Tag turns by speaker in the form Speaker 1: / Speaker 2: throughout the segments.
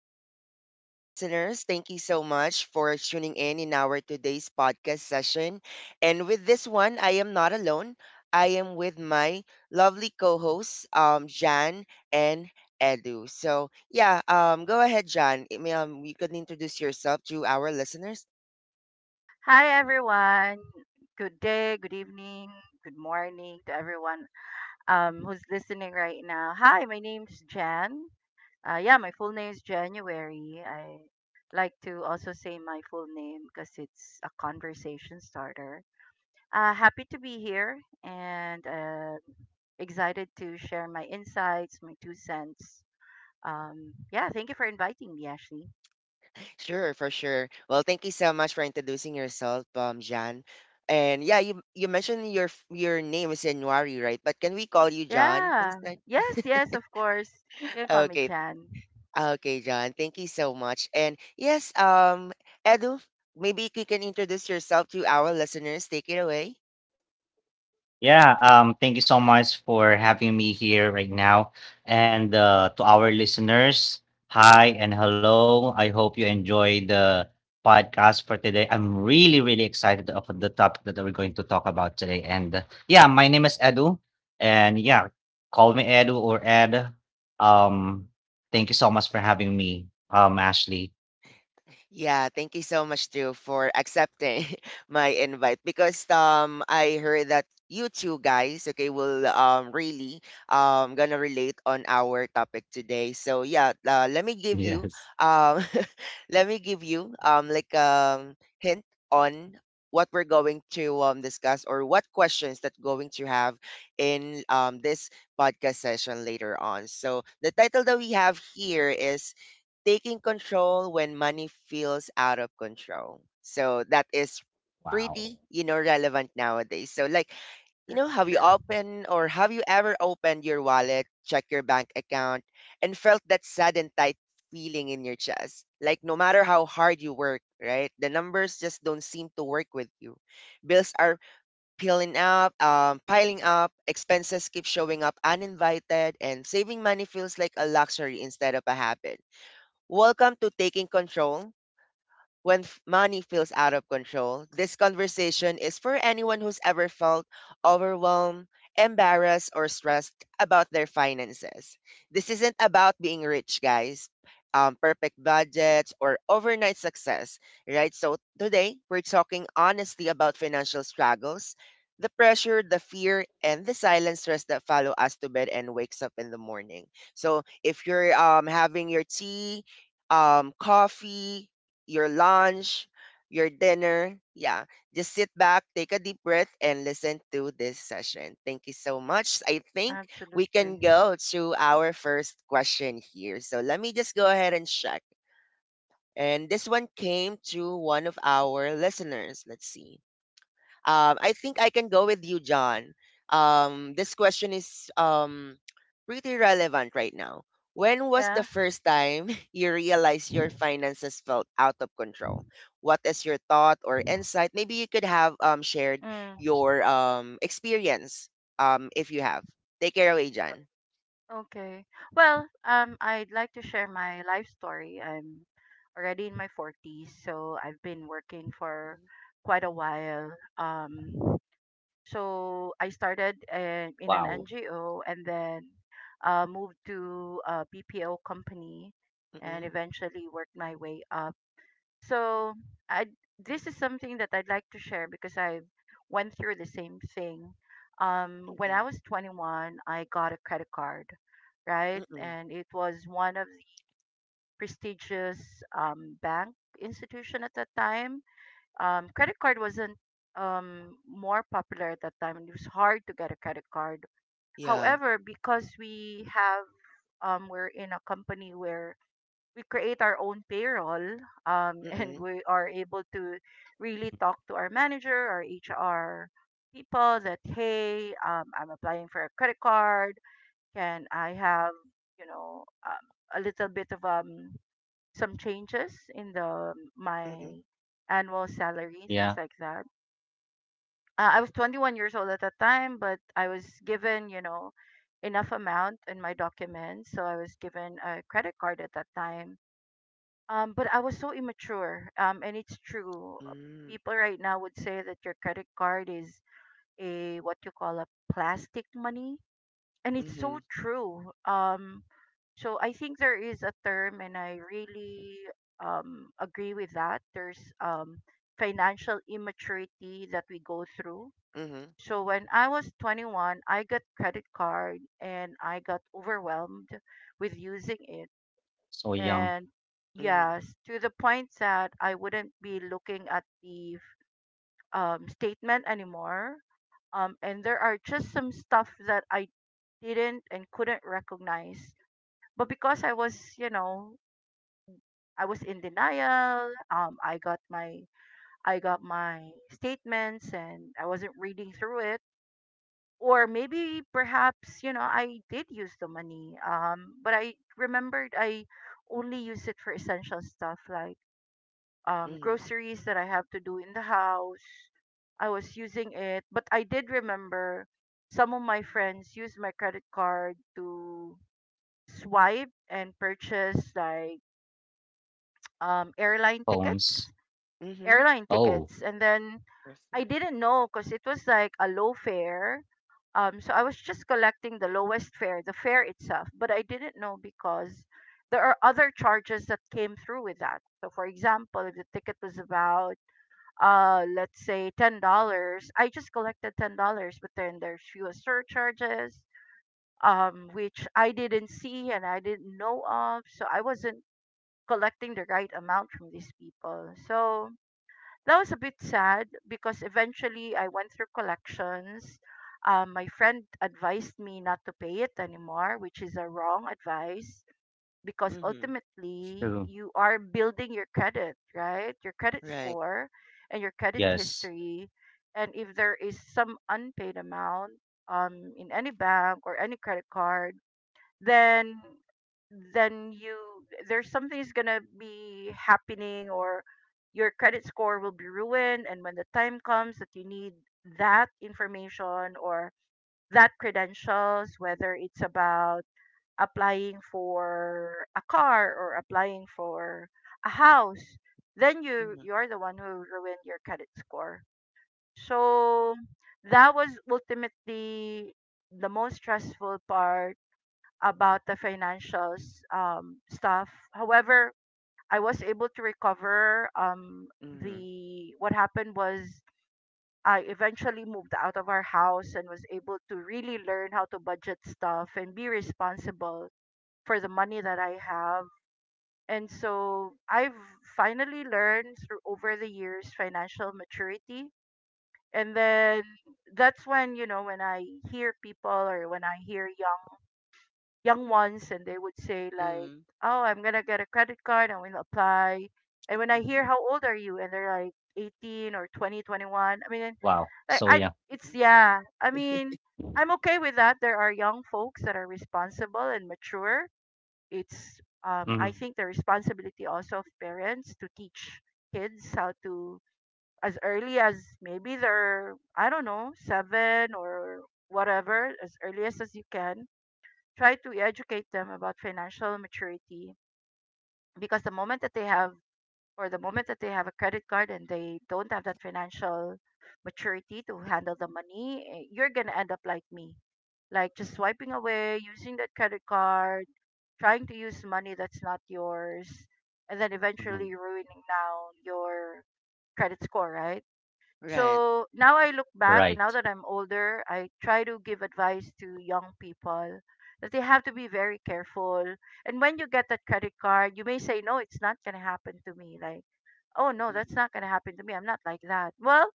Speaker 1: to our listeners. Thank you so much for tuning in our today's podcast session. And with this one, I am not alone. I am with my lovely co-hosts, Jan and Edu. So yeah, go ahead, Jan. You can introduce yourself to our listeners.
Speaker 2: Hi everyone. Good day, good evening, good morning to everyone who's listening right now. Hi, my name's Jan. Yeah, my full name is January. I like to also say my full name because it's a conversation starter. Happy to be here and excited to share my insights, my 2 cents. Yeah, thank you for inviting me, Ashley.
Speaker 1: Sure, for sure. Well, thank you so much for introducing yourself, Jan. And yeah, you mentioned your your name is January, right? But can we call you John
Speaker 2: Yeah,
Speaker 1: instead?
Speaker 2: yes, of course. You can call me
Speaker 1: Okay,
Speaker 2: Jan.
Speaker 1: Okay, John. Thank you so much. And yes, Edu, maybe you can introduce yourself to our listeners. Take it away.
Speaker 3: Yeah, thank you so much for having me here right now. And to our listeners, hi and hello. I hope you enjoy the podcast for today. I'm really, really excited of the topic that we're going to talk about today. And yeah, my name is Edu. And yeah, call me Edu or Ed. Um, thank you so much for having me, Ashley.
Speaker 1: Yeah, thank you so much too for accepting my invite because I heard that you two guys okay will really gonna relate on our topic today. So yeah, let me give you
Speaker 3: Yes.
Speaker 1: um let me give you hint on what we're going to discuss or what questions that going to have in this podcast session later on. So the title that we have here is taking control when money feels out of control. So that is
Speaker 3: Wow.
Speaker 1: pretty, you know, relevant nowadays. So like, you know,
Speaker 2: That's
Speaker 1: have you
Speaker 2: true.
Speaker 1: opened or have you ever opened your wallet, check your bank account, and felt that sudden tight feeling in your chest? Like no matter how hard you work, right? The numbers just don't seem to work with you. Bills are piling up, expenses keep showing up uninvited, and saving money feels like a luxury instead of a habit. Welcome to Taking Control when money feels out of control. This conversation is for anyone who's ever felt overwhelmed, embarrassed, or stressed about their finances. This isn't about being rich, guys, perfect budgets, or overnight success, right? So today, we're talking honestly about financial struggles. The pressure, the fear, and the silent stress that follow us to bed and wakes up in the morning. So if you're having your tea, coffee, your lunch, your dinner. Yeah, just sit back, take a deep breath, and listen to this session. Thank you so much. I think we
Speaker 2: Absolutely.
Speaker 1: can go to our first question here. So let me just go ahead and check. And this one came to one of our listeners. Let's see. I think I can go with you, John. This question is pretty relevant right now. When was the
Speaker 2: Yeah.
Speaker 1: first time you realized your finances felt out of control? What is your thought or insight? Maybe you could have shared
Speaker 2: Mm.
Speaker 1: your experience if you have. Take care away, John.
Speaker 2: o- Okay. Well, I'd like to share my life story. I'm already in my 40s, so I've been working for quite a while. Um, so I started in an
Speaker 3: Wow.
Speaker 2: NGO and then moved to a BPO company and
Speaker 1: Mm-mm,
Speaker 2: eventually worked my way up. So I this is something that I'd like to share because I went through the same thing. When
Speaker 1: mm-mm,
Speaker 2: I was 21, I got a credit card, right?
Speaker 1: mm-mm.
Speaker 2: And it was one of the prestigious bank institution at that time. Credit card wasn't more popular at that time, and it was hard to get a credit card.
Speaker 1: Yeah.
Speaker 2: However, because we're in a company where we create our own payroll and
Speaker 1: Mm-mm,
Speaker 2: we are able to really talk to our manager our hr people that, hey, I'm applying for a credit card. Can I have, you know, a little bit of some changes in the
Speaker 1: mm-mm,
Speaker 2: my annual salary, things
Speaker 3: Yeah.
Speaker 2: like that. Uh, I was 21 years old at that time, but I was given, you know, enough amount in my documents, so I was given a credit card at that time. But I was so immature. And it's true.
Speaker 1: mm-hmm,
Speaker 2: People right now would say that your credit card is a, what you call, a plastic money, and it's so
Speaker 1: hmm
Speaker 2: true. So I think there is a term, and I really agree with that. There's financial immaturity that we go through.
Speaker 1: hmm
Speaker 2: So when I was 21, I got credit card and I got overwhelmed with using it
Speaker 3: So young
Speaker 2: and yes, to the point that I wouldn't be looking at the statement anymore. And there are just some stuff that I didn't and couldn't recognize. But because I was, you know, I was in denial. I got my statements and I wasn't reading through it. Or maybe perhaps, you know, I did use the money. But I remembered I only used it for essential stuff like
Speaker 1: hmm
Speaker 2: groceries that I have to do in the house. I was using it, but I did remember some of my friends used my credit card to swipe and purchase like um, airline
Speaker 3: phones.
Speaker 2: tickets,
Speaker 1: hmm.
Speaker 2: airline
Speaker 3: Oh,
Speaker 2: tickets, and then I
Speaker 1: Perfect.
Speaker 2: didn't know because it was like a low fare. So I was just collecting the lowest fare, the fare itself, but I didn't know because there are other charges that came through with that. So, for example, if the ticket was about let's say $10, I just collected $10, but then there's fuel surcharges, which I didn't see and I didn't know of, so I wasn't collecting the right amount from these people. So that was a bit sad because eventually I went through collections. My friend advised me not to pay it anymore, which is a wrong advice because
Speaker 1: Mm-hmm.
Speaker 2: ultimately
Speaker 3: true.
Speaker 2: you are building your credit, right? Your credit score and your credit
Speaker 3: Yes.
Speaker 2: history. And if there is some unpaid amount in any bank or any credit card, then then you there's something is gonna be happening, or your credit score will be ruined, and when the time comes that you need that information or that credentials, whether it's about applying for a car or applying for a house, then
Speaker 1: Mhm,
Speaker 2: you're the one who ruined your credit score. So that was ultimately the most stressful part about the financials stuff. However, I was able to recover. Um,
Speaker 1: mhm,
Speaker 2: the what happened was I eventually moved out of our house and was able to really learn how to budget stuff and be responsible for the money that I have. And so I've finally learned through over the years financial maturity. And then that's when, you know, when I hear people or when I hear young ones and they would say like,
Speaker 1: mhm,
Speaker 2: oh, I'm gonna get a credit card, I'm gonna apply. And when I hear
Speaker 1: mhm,
Speaker 2: how old are you and they're like 18 or 20, 21, I mean
Speaker 3: Wow.
Speaker 2: like
Speaker 3: So
Speaker 2: I
Speaker 3: yeah.
Speaker 2: it's
Speaker 1: mhm.
Speaker 2: yeah. I mean I'm okay with that. There are young folks that are responsible and mature. It's I
Speaker 3: Mhm.
Speaker 2: think the responsibility also of parents to teach kids how to, as early as, maybe they're, I don't know, seven or whatever, as early as you can, try to educate them about financial maturity, because the moment that they have a credit card and they don't have that financial maturity to handle the money, eh, you're gonna end up like me, like just swiping away using that credit card, trying to use money that's not yours, and then
Speaker 3: Mhm.
Speaker 2: eventually ruining now your credit score, right?
Speaker 1: Right.
Speaker 2: So now I look back, and now
Speaker 3: Right.
Speaker 2: that I'm older, I try to give advice to young people that they have to be very careful. And when you get that credit card, you may say, no, it's not gonna happen to me. Like, oh no,
Speaker 1: Mhm,
Speaker 2: that's not gonna happen to me. I'm not like that. Well,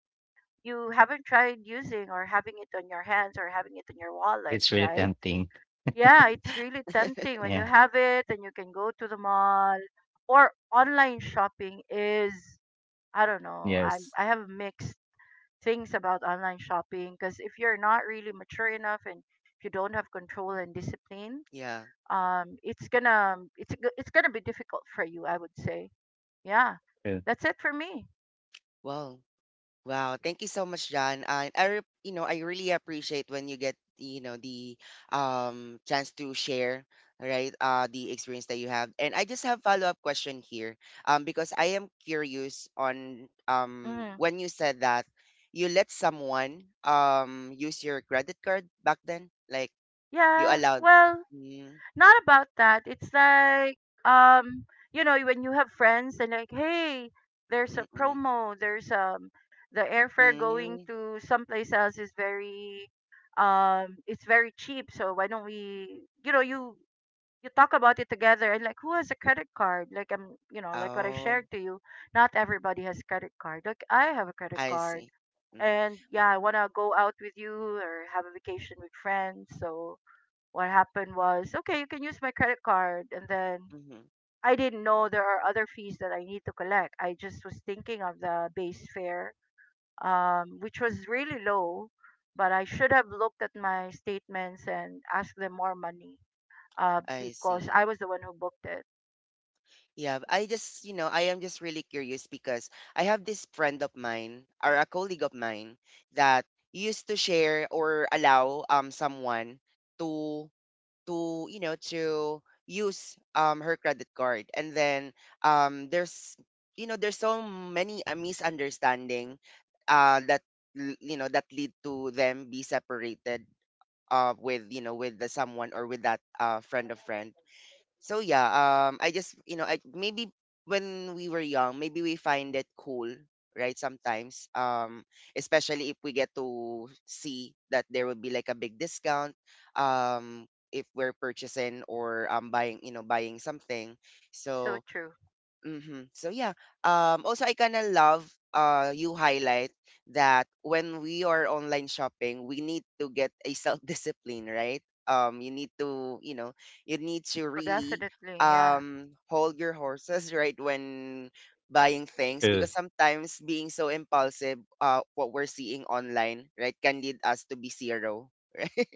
Speaker 2: you haven't tried using or having it on your hands or having it in your wallet,
Speaker 3: It's really
Speaker 2: right?
Speaker 3: tempting.
Speaker 2: Yeah,
Speaker 1: mhm.
Speaker 2: it's really tempting when you
Speaker 3: Yeah.
Speaker 2: have it and you can go to the mall, or online shopping is, I don't know.
Speaker 3: Yes.
Speaker 2: I have mixed things about online shopping, because if you're not really mature enough and if you don't have control and discipline,
Speaker 1: Yeah.
Speaker 2: it's gonna, it's gonna be difficult for you, I would say. Yeah.
Speaker 3: True.
Speaker 2: That's it for me.
Speaker 1: Well, wow. Thank you so much, John. And I, you know, I really appreciate when you get, you know, the chance to share, right, the experience that you have. And I just have follow-up question here, because I am curious on
Speaker 2: Mm.
Speaker 1: when you said that you let someone use your credit card back then, like you
Speaker 2: Yeah.
Speaker 1: allowed.
Speaker 2: Well,
Speaker 1: Mm,
Speaker 2: not about that. It's like um you know, when you have friends and like, hey, there's a
Speaker 1: mm-mm,
Speaker 2: promo, there's the airfare going
Speaker 1: mm.
Speaker 2: to someplace else is very it's very cheap, so why don't we, you know, you talk about it together, and like, who has a credit card? Like, I'm, you know, like what I
Speaker 1: Oh,
Speaker 2: shared to you, not everybody has credit card, like I have a credit
Speaker 1: I
Speaker 2: card,
Speaker 1: see. Mm-hmm.
Speaker 2: and yeah, I want to go out with you or have a vacation with friends. So what happened was, okay, you can use my credit card, and then
Speaker 1: Mm-hmm.
Speaker 2: I didn't know there are other fees that I need to collect. I just was thinking of the base fare, which was really low, but I should have looked at my statements and asked them more money,
Speaker 1: I
Speaker 2: because
Speaker 1: see.
Speaker 2: I was the one who booked it.
Speaker 1: Yeah, I just, you know, I am just really curious because I have this friend of mine or a colleague of mine that used to share or allow someone to to, you know, to use her credit card. And then there's you know, there's so many a misunderstanding that you know that lead to them be separated with you know with the someone or with that friend of friend. So yeah, I just you know I maybe when we were young, maybe we find it cool, right? Sometimes, especially if we get to see that there will be like a big discount, um, if we're purchasing or buying you know buying something.
Speaker 2: So
Speaker 1: So
Speaker 2: true.
Speaker 1: mhm. So yeah, also I kind of love you highlight that when we are online shopping, we need to get a self discipline, right? You need to, you know, you need to
Speaker 2: Oh,
Speaker 1: really
Speaker 2: definitely, yeah.
Speaker 1: hold your horses, right, when buying things
Speaker 3: True.
Speaker 1: because sometimes being so impulsive, what we're seeing online, right, can lead us to be zero, right?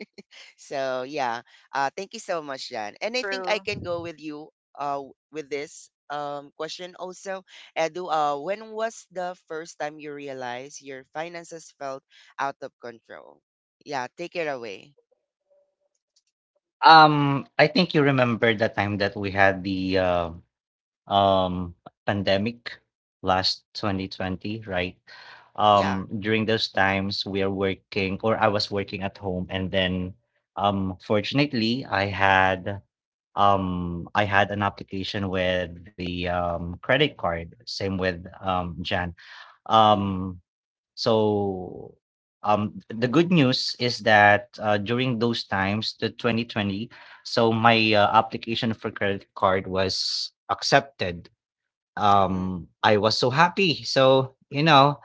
Speaker 1: So yeah, thank you so much, Jan. And I think I
Speaker 2: True.
Speaker 1: can go with you with this question also. Edu, when was the first time you realized your finances felt out of control? Yeah, take it away.
Speaker 3: I think you remember the time that we had the um pandemic last 2020, right?
Speaker 1: Yeah.
Speaker 3: During those times we are working or I was working at home and then fortunately I had I had an application with the credit card, same with Jan.
Speaker 1: Mm-hmm.
Speaker 3: Um so the good news is that during those times, the 2020, so my application for credit card was accepted.
Speaker 1: Mm-hmm.
Speaker 3: I was so happy. So,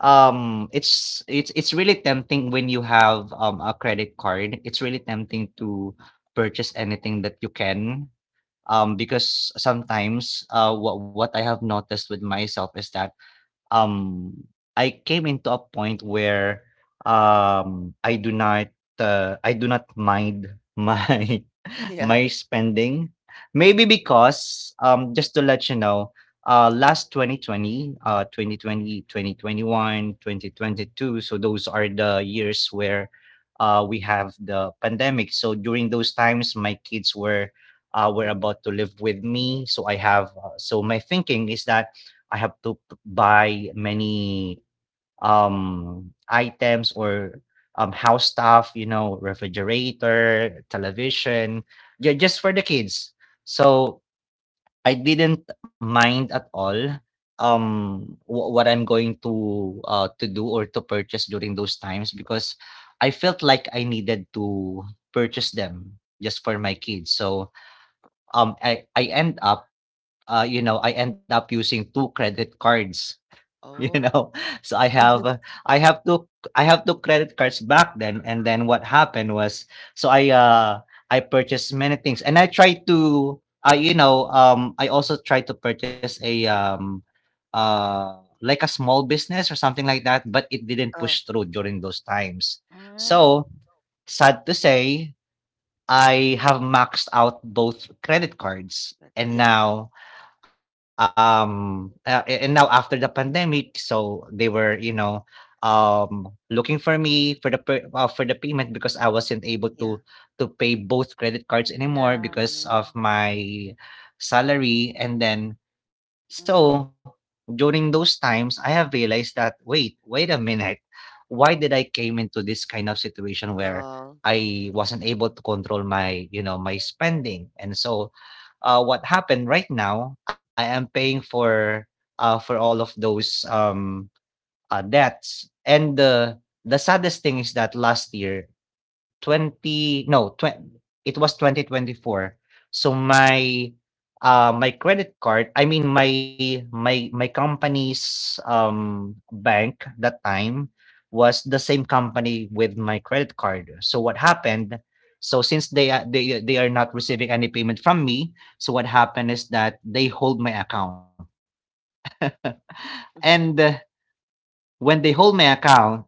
Speaker 3: it's really tempting when you have a credit card. It's really tempting to purchase anything that you can, because sometimes, what I have noticed with myself is that um, I came into a point where um, I do not I do not mind my
Speaker 1: Yeah.
Speaker 3: my spending. Maybe because just to let you know, last 2020, 2020, 2021, 2021, twenty two. So those are the years where we have the pandemic. So during those times, my kids were
Speaker 1: Mm-hmm.
Speaker 3: about to live with me. So I have so my thinking is that I have to buy many, items or, house stuff, refrigerator, television, ju just for the kids. So, I didn't mind at all, um, what I'm going to do or to purchase during those times because I felt like I needed to purchase them just for my kids. So, I end up using 2 credit cards you
Speaker 1: Oh.
Speaker 3: know, so I have uh, I have two I have two credit cards back then, and then what happened was, so I purchased many things, and I also tried to purchase a small business or something like that, but it didn't
Speaker 1: Oh.
Speaker 3: push through during those times.
Speaker 1: Mm-hmm.
Speaker 3: So
Speaker 2: Mm,
Speaker 3: sad to say, I have maxed out both credit cards,
Speaker 1: Yeah.
Speaker 3: and now after the pandemic, so they were, looking for me for the for the payment because I wasn't able
Speaker 1: Yeah.
Speaker 3: to pay both credit cards
Speaker 2: yeah.
Speaker 3: anymore
Speaker 1: Mm.
Speaker 3: because of my salary. And then, so
Speaker 2: Mm.
Speaker 3: during those times, I have realized that wait, wait a minute, why did I came into this kind of situation where
Speaker 1: Oh.
Speaker 3: I wasn't able to control my spending. And so what happened right now, I am paying for all of those debts. And the saddest thing is that last year 20, no, 20. It was 2024. So my credit card, I mean, my company's, bank that time was the same company with my credit card. So what happened, so since they a they they are not receiving any payment from me, so what happened is that they hold my account. And when they hold my account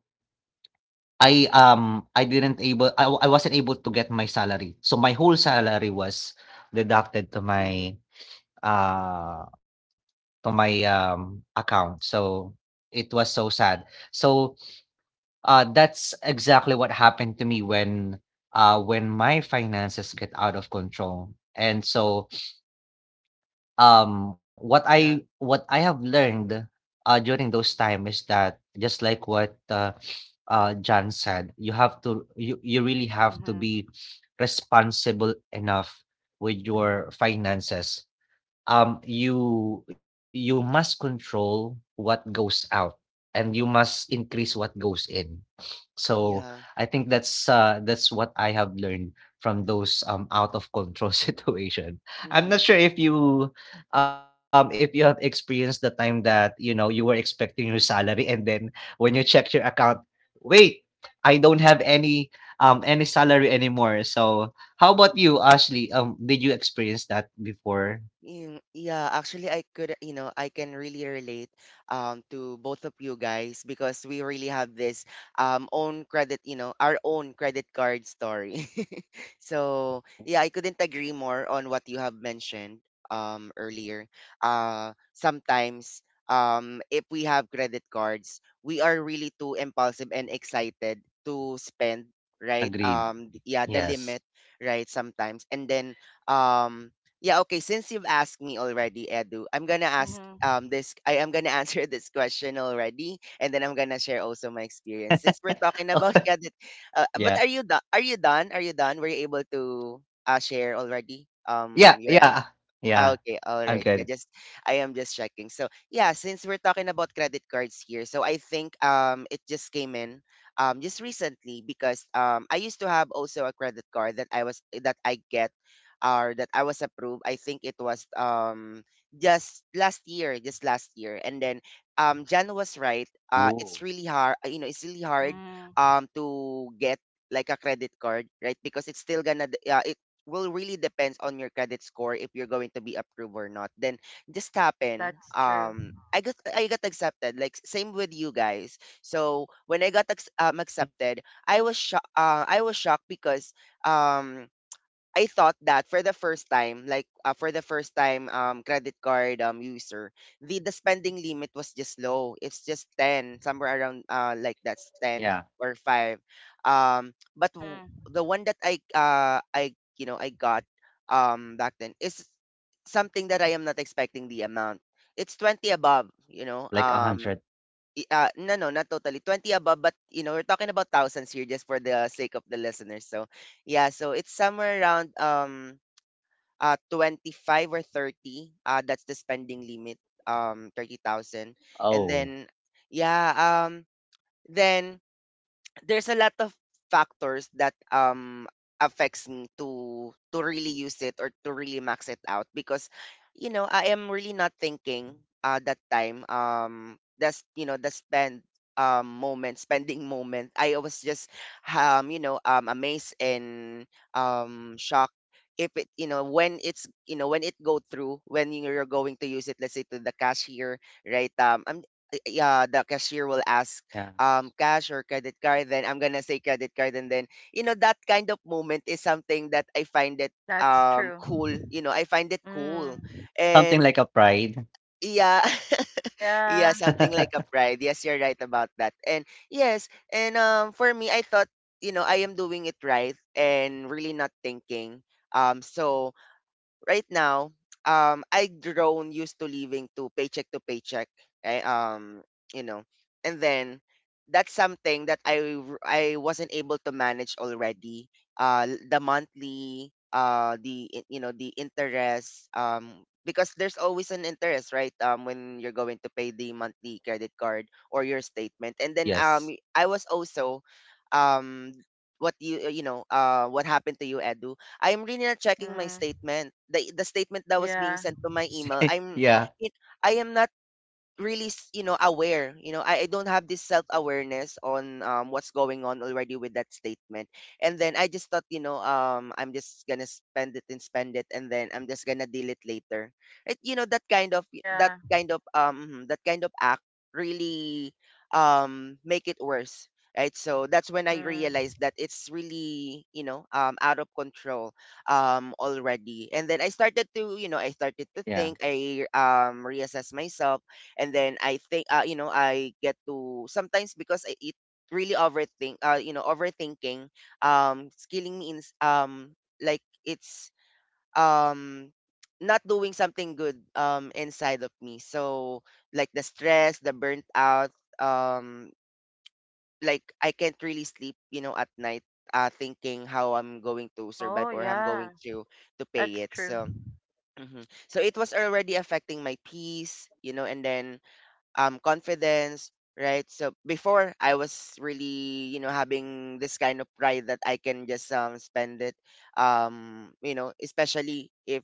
Speaker 3: I, um, I didn't able I wasn't able to get my salary. So my whole salary was deducted
Speaker 1: Mm-hmm.
Speaker 3: uh, to my, account. So it was so sad. So, that's exactly what happened to me when my finances get out of control. And so, what I
Speaker 1: Yeah.
Speaker 3: what I have learned, during those time is that just like what John said, you have to you really have to be responsible enough with your finances. You must control what goes out, and you must increase what goes in. So
Speaker 1: Yeah.
Speaker 3: I think that's what I have learned from those out of control situation. I'm not
Speaker 1: Mm-hmm.
Speaker 3: sure if you have experienced the time that you were expecting your salary, and then when you check your account, wait, I don't have any salary anymore. So how about you, Ashley? Did you experience that before?
Speaker 1: Mm, yeah, actually, I could, you know, I can really relate to both of you guys because we really have this own credit, you know, our own credit card story. So,
Speaker 3: Mm.
Speaker 1: yeah, I couldn't agree more on what you have mentioned earlier. Sometimes if we have credit cards, we are really too impulsive and excited to spend, right?
Speaker 3: Agreed.
Speaker 1: Yeah, the limit,
Speaker 3: Yes.
Speaker 1: right? Sometimes, and then um yeah, okay. Since you've asked me already, Edu, I'm gonna ask this I am gonna answer this question already and then I'm gonna share also my experience. Since we're talking about
Speaker 3: Yeah.
Speaker 1: credit but are you done Are you done? Were you able to share
Speaker 3: Yeah,
Speaker 1: already
Speaker 3: yeah.
Speaker 1: your
Speaker 3: Yeah. I'm
Speaker 1: ah,
Speaker 3: good.
Speaker 1: okay, all right. Yeah, just I am just checking. So yeah, since we're talking about credit cards here, so I think it just came in just recently because I used to have also a credit card that I get or that I was approved. I think it was just last year, just last year. And then Jan was
Speaker 3: Ooh.
Speaker 1: right. It's really hard you know, it's really hard to get like a credit card, right? Because it's still gonna will really depends on your credit score if you're going to be approved or not. Then this happened. I got accepted. Like same with you guys. So when I got accepted, I was shocked. I was shocked because um I thought that for the first time, like for the first time credit card user, the spending limit was just low. It's just 10, somewhere around like
Speaker 3: Yeah,
Speaker 1: that's 10 or 5. But the one that I you know I got back then is something that I am not expecting the amount. It's 20 above,
Speaker 3: like
Speaker 1: you know.
Speaker 3: 100.
Speaker 1: I ah, no, no, not totally, 20 above, but, you know, we're talking about thousands here just for the sake of the listeners. So, yeah, so it's somewhere around 25 or 30. That's the spending limit, 30,000.
Speaker 3: Oh,
Speaker 1: And then yeah, um then there's a lot of factors that affects me to really use it or to really max it out because you know I am really not thinking that time that's you know the spend moment spending moment I was just you know amazed and shocked if it you know when it's you know when it go through when you're going to use it let's say to the cashier right I'm yeah the cashier will
Speaker 3: yeah.
Speaker 1: ask cash or credit card, then I'm gonna say credit card, and then you know that kind of moment is something that I find it cool. You know, I find it cool,
Speaker 3: Something like a
Speaker 1: and
Speaker 3: pride.
Speaker 1: yeah, yeah, something like a pride. Yes, you're right about that, and yes, and for me, I thought you know I am doing it right and really not thinking. So right now, I've grown used to living to paycheck to paycheck. Right? You know, and then that's something that I wasn't able to manage already. The monthly, you know the interest. Because there's always an interest, right? When you're going to pay the monthly credit card or your statement, and
Speaker 3: Yes.
Speaker 1: then I was also, um, what you know what happened to you, Edu? I'm really not checking my statement. The statement that was being sent to my email.
Speaker 3: Yeah,
Speaker 1: It, I am not really aware. I don't have this self-awareness on what's going on already with that statement. And then I just thought I'm just gonna spend it and spend it, and then I'm just gonna deal it later. It you know That kind of, that kind of act really make it worse, right? So that's when I realized that it's really out of control already. And then I started to, I
Speaker 3: yeah,
Speaker 1: started to think. I Reassess myself. And then I think, I get to sometimes, because I it really overthink. Overthinking, it's killing me in like it's um not doing something good inside of me. So like the stress, the burnt out, um like I can't really sleep at night, thinking how I'm going to survive or I'm going to pay it. So mhm. So it was already affecting my peace, and then confidence, right? So before I was really, having this kind of pride that I can just spend it, you know, especially if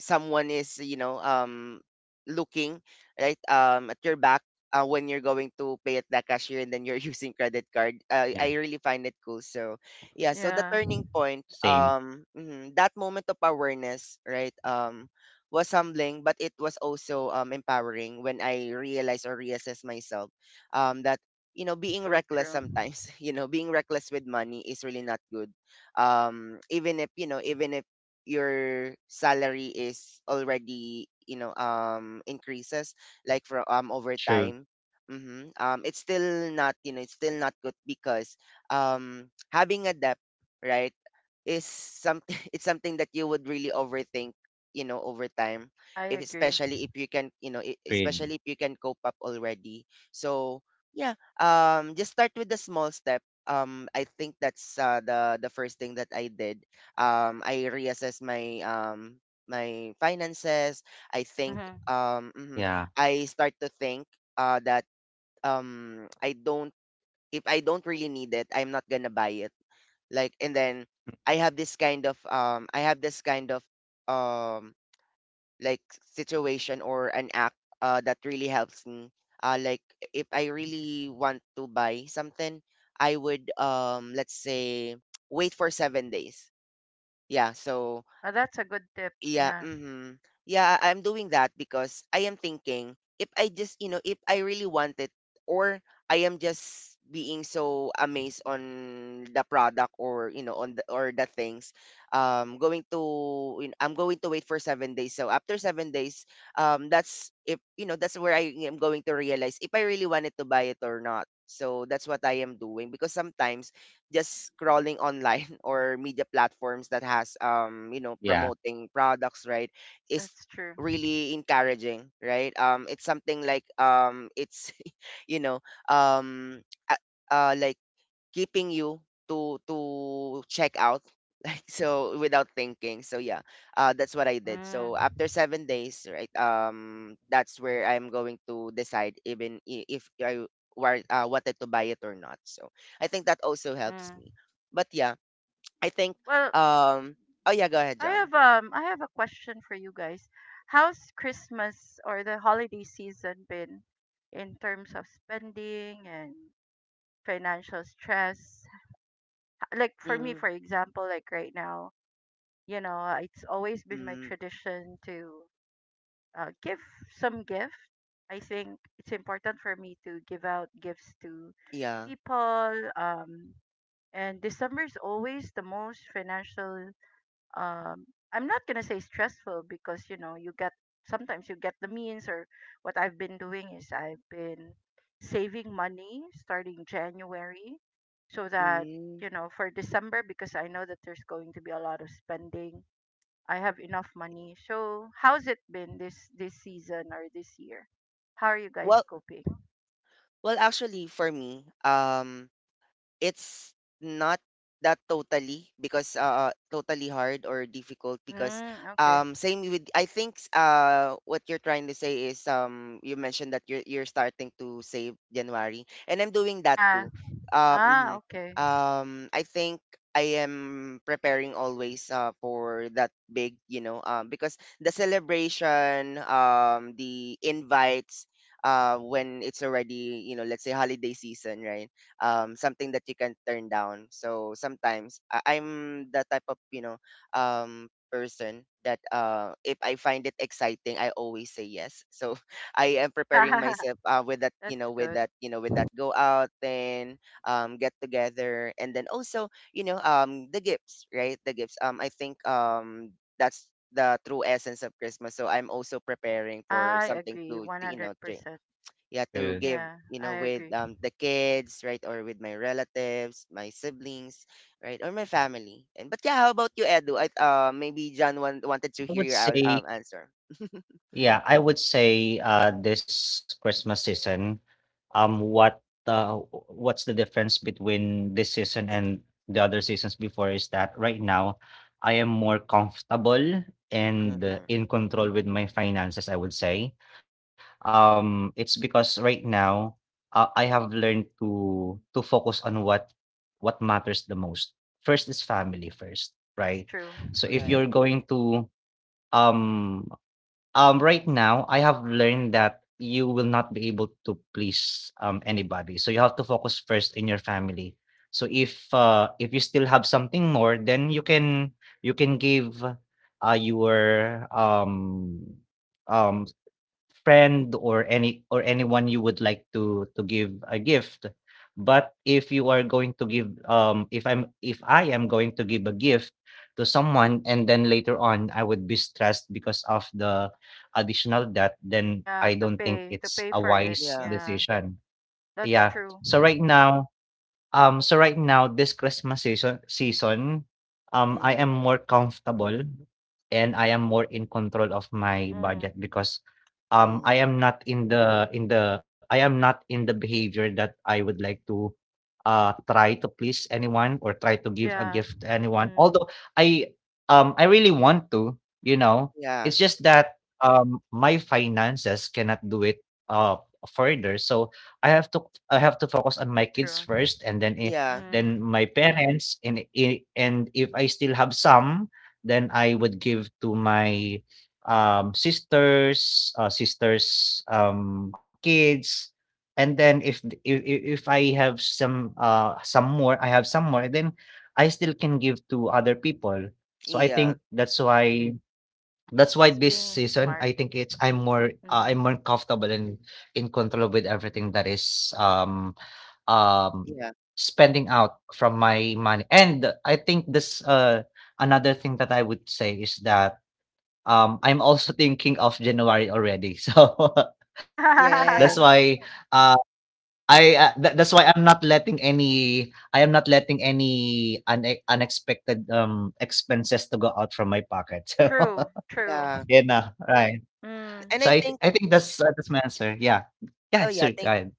Speaker 1: someone is, looking, right, at your back, when you're going to pay at the cashier and then you're using credit card.
Speaker 3: yeah.
Speaker 1: I really find it cool. So yeah. So the turning point,
Speaker 3: Same.
Speaker 1: mhm, that moment of awareness, right, was humbling, but it was also empowering when I realized or reassessed myself. That, you know, being reckless sometimes, you know, being reckless with money is really not good, even if, even if your salary is already, increases like for over
Speaker 3: True.
Speaker 1: time. Mm-hmm. It's still not, it's still not good because, having a debt, right, is something, it's something that you would really overthink, you know, over time, if, especially if you can,
Speaker 3: Agreed.
Speaker 1: especially if you can cope up already. So yeah. Just start with the small step. I think that's, the first thing that I did. I reassess my, my finances. I think, mhm,
Speaker 3: Yeah,
Speaker 1: I start to think, that, I don't, if I don't really need it, I'm not gonna buy it. Like, and then I have this kind of, I have this kind of, um, like situation or an act, that really helps me. Like if I really want to buy something, I would, let's say wait for 7 days. Yeah, so yeah, mhm. Yeah, I'm doing that because I am thinking, if I just, you know, if I really want it, or I am just being so amazed on the product or, you know, on the or the things. Going to, you know, I'm going to wait for 7 days. So after 7 days, that's if, you know, that's where I am going to realize if I really wanted to buy it or not. So that's what I am doing because sometimes just scrolling online or media platforms that has, you know,
Speaker 3: yeah.
Speaker 1: promoting products, right, is really encouraging, right, it's something like, it's you know, um uh, like keeping you to check out, so without thinking. So yeah, that's what I did. So after 7 days, right, that's where I'm going to decide, even if I wanted to buy it or not. So I think that also helps me, but yeah, I think, um oh yeah, go ahead, John. Mm, mm, yeah. Mm. Well, well actually for me, it's not that totally because, totally hard or difficult because, same with, I think, what you're trying to say is, you mentioned that you're starting to save January, and I'm doing that too. Mhm. I think I am preparing always, for that big, you know, because the celebration, the invites, when it's already, you know, let's say holiday season, right? Something that you can turn down. So sometimes I'm the type of, you know, person that, if I find it exciting, I always say yes. So I am preparing myself, with that, you know, with that go out, and get together, and then also, you know, the gifts, right? The gifts. I think, that's the true essence of Christmas. So I'm also preparing for something to you know to, yeah,
Speaker 3: True.
Speaker 1: to give, you know, with, the kids, right, or with my relatives, my siblings, right, or my family. And but yeah, how about you, Edu? I, maybe John wanted to
Speaker 3: I
Speaker 1: hear
Speaker 3: would
Speaker 1: your
Speaker 3: say
Speaker 1: answer.
Speaker 3: Yeah, I would say this Christmas season, um, what uh, what's the difference between this season and the other seasons before is that right now I am more comfortable and
Speaker 1: Mm-hmm.
Speaker 3: in control with my finances, I would say. It's because right now I have learned to focus on what matters the most. First is family first, right? So if
Speaker 1: Right.
Speaker 3: you're going to um right now, I have learned that you will not be able to please anybody. So you have to focus first in your family. So if you still have something more, then you can give your um friend or anyone you would like to give a gift. But if you are going to give if I am going to give a gift to someone and then later on I would be stressed because of the additional debt, then I don't think it's a wise
Speaker 1: Yeah.
Speaker 3: decision. Yeah. So right now, this Christmas season, I am
Speaker 1: Mm-hmm.
Speaker 3: more comfortable and I am more in control of my budget because,
Speaker 1: Mm-hmm.
Speaker 3: I am not in the behavior that I would like to try to please anyone or try to give a gift to anyone. Although I I really want to, you know,
Speaker 1: Yeah.
Speaker 3: it's just that my finances cannot do it uh further. So I have to I have to focus on my kids first, and then i-
Speaker 1: Yeah.
Speaker 3: then my parents, and if I still have some, then I would give to my sisters, sisters, kids. And then if th- if I have some more, then I still can give to other people. So I
Speaker 1: Yeah.
Speaker 3: think that's why this season, I think it's I'm more comfortable and in control with everything that is um
Speaker 1: Yeah.
Speaker 3: spending out from my money. And I think this another thing that I would say is that I'm also thinking of January already. So that's why
Speaker 1: Yes.
Speaker 3: uh, that's why I'm not letting any unexpected, expenses to go out from my pocket. So,
Speaker 1: Yeah.
Speaker 3: right.
Speaker 1: And
Speaker 3: So
Speaker 1: I
Speaker 3: I th-
Speaker 1: think,
Speaker 3: I think that's my answer. Yeah. Yeah,
Speaker 1: oh yeah
Speaker 3: sure, go
Speaker 1: thank
Speaker 3: ahead.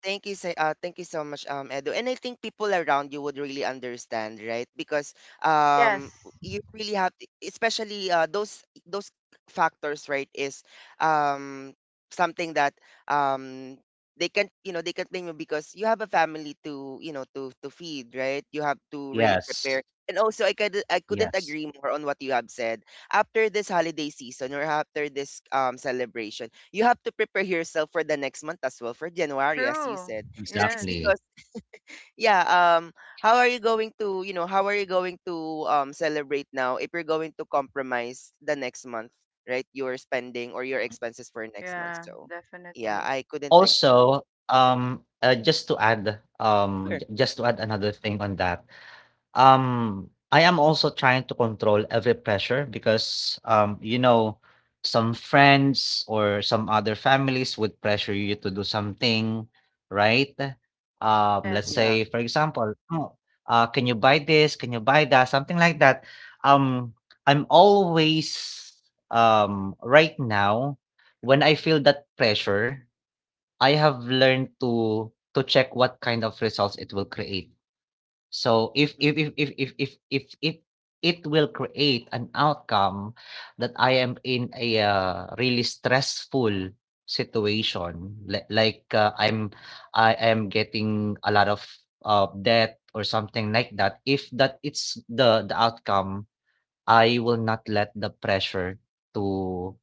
Speaker 1: thank you, so, thank you so much, Edo. And I think people around you would really understand, right? Because, um, you really have, especially, those factors, right? Is, um, something that, um, they can, you know, they can blame you because you have a family to, you know, to feed, right? You have to really prepare.
Speaker 3: Yes.
Speaker 1: And also, I couldn't
Speaker 3: Yes,
Speaker 1: agree more on what you have said. After this holiday season or after this, celebration, you have to prepare yourself for the next month as well for January, as you said. It is
Speaker 3: exactly.
Speaker 1: because yeah, how are you going to, how are you going to, celebrate now if you're going to compromise the next month, right, your spending or your expenses for next month. So yeah, I couldn't agree.
Speaker 3: Also, just to add,
Speaker 1: Sure.
Speaker 3: ju just to add another thing on that. I am also trying to control every pressure because, some friends or some other families would pressure you to do something, right? Let's
Speaker 1: Yeah.
Speaker 3: say, for example, "Oh, can you buy this? Can you buy that?" Something like that. Um, I'm always, right now, when I feel that pressure, I have learned to check what kind of results it will create. So if
Speaker 1: Mm,
Speaker 3: if if if if if if if it will create an outcome that I am in a, really stressful situation, li like, I am getting a lot of, debt or something like that, if that it's the outcome, I will not let the pressure to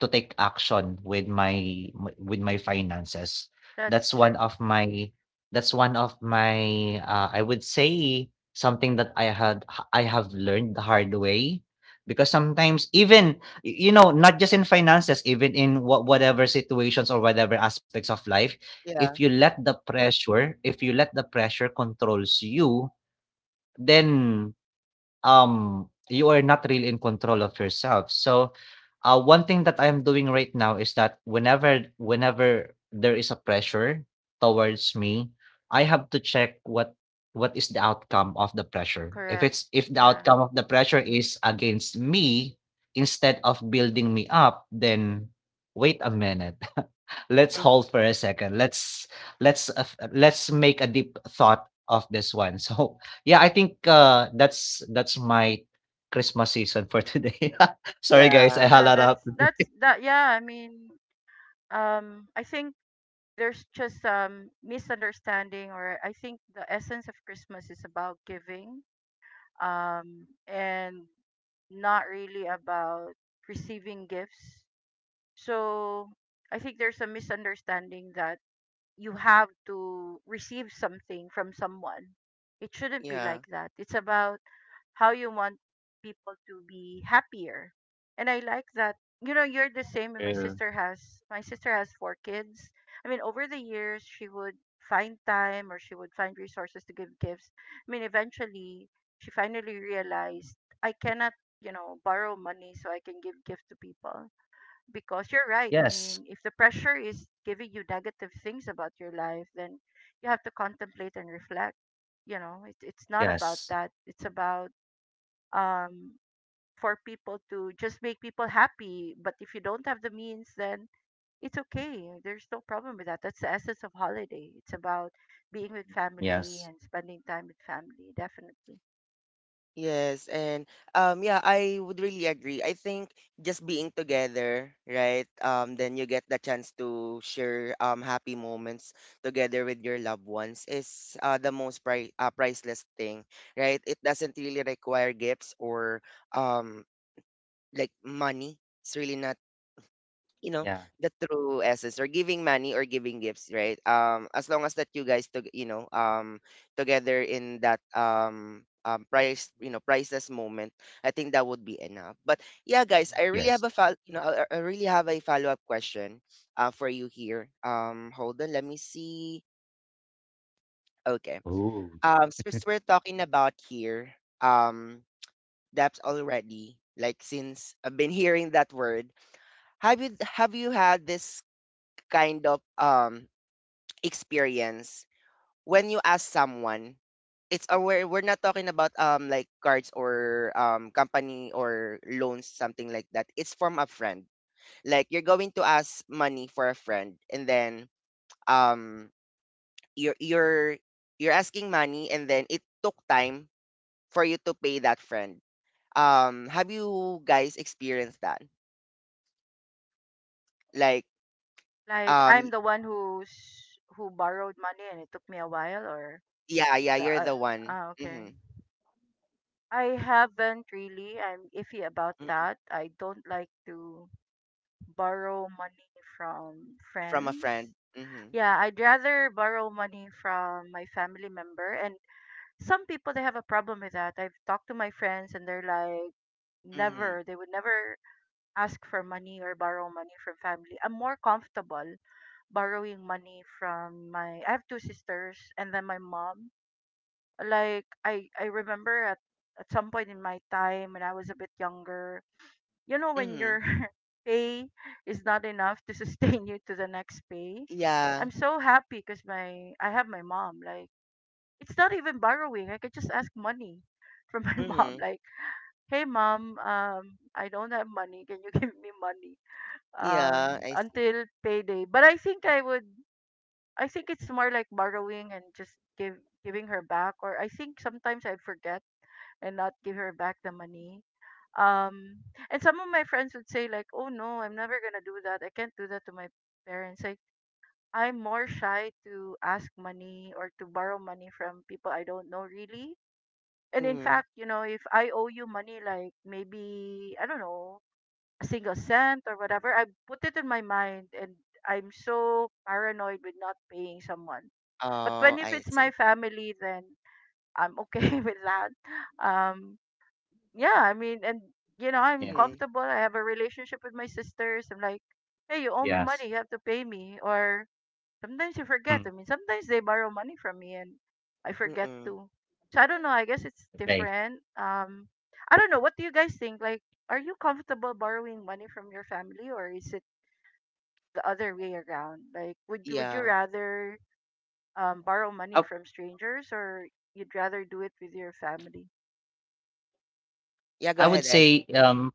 Speaker 3: to take action with my finances. That's one of my that's one of my, I would say something that I have learned the hard way, because sometimes even not just in finances, even in whatever situations or whatever aspects of life. If
Speaker 1: yeah.
Speaker 3: you let the pressure if you let the pressure controls you, then you are not really in control of yourself. So one thing that I'm doing right now is that whenever there is a pressure towards me, I have to check what is the outcome of the pressure. If the outcome of the pressure is against me instead of building me up, then wait a minute. Let's
Speaker 1: Mm,
Speaker 3: hold for a second. Let's make a deep thought of this one. So yeah, I think that's my Christmas season for today. Sorry guys,
Speaker 1: yeah.
Speaker 3: I holla up.
Speaker 1: Yeah.
Speaker 3: Yes, yes, yes,
Speaker 1: Yes, and yeah, I would really agree. I think just being together, right? Then you get the chance to share, happy moments together with your loved ones is, the most priceless thing, right? It doesn't really require gifts or, um like money. It's really not, you know,
Speaker 3: yeah,
Speaker 1: the true essence or giving money or giving gifts, right, as long as that you guys to, you know, together in that, priceless moment, I think that would be enough. But yeah, guys, I really have a
Speaker 3: yes.
Speaker 1: I really have a follow-up question, for you here. Hold on, let me see. Okay.
Speaker 3: Ooh.
Speaker 1: Since we're talking about here, um debts already, like since I've been hearing that word, have you had this kind of, experience when you ask someone? It's, we're not talking about, like cards or, company or loans, something like that. It's from a friend, like you're going to ask money for a friend, and then, um you're you're asking money, and then it took time for you to pay that friend. Have you guys experienced that? Like, um y- yeah, yeah, you're the one. Hmm. From a friend. Hmm. Hmm. Hmm. Yeah. Mm-hmm. Yeah, I see. Mm-hmm. Oh, I see.
Speaker 3: Yeah,
Speaker 1: Mm-hmm.
Speaker 3: yes. Mm,
Speaker 1: Mm-mm.
Speaker 3: okay.
Speaker 1: Yeah. Yeah,
Speaker 3: I
Speaker 1: go
Speaker 3: would
Speaker 1: ahead, Ed.
Speaker 3: say,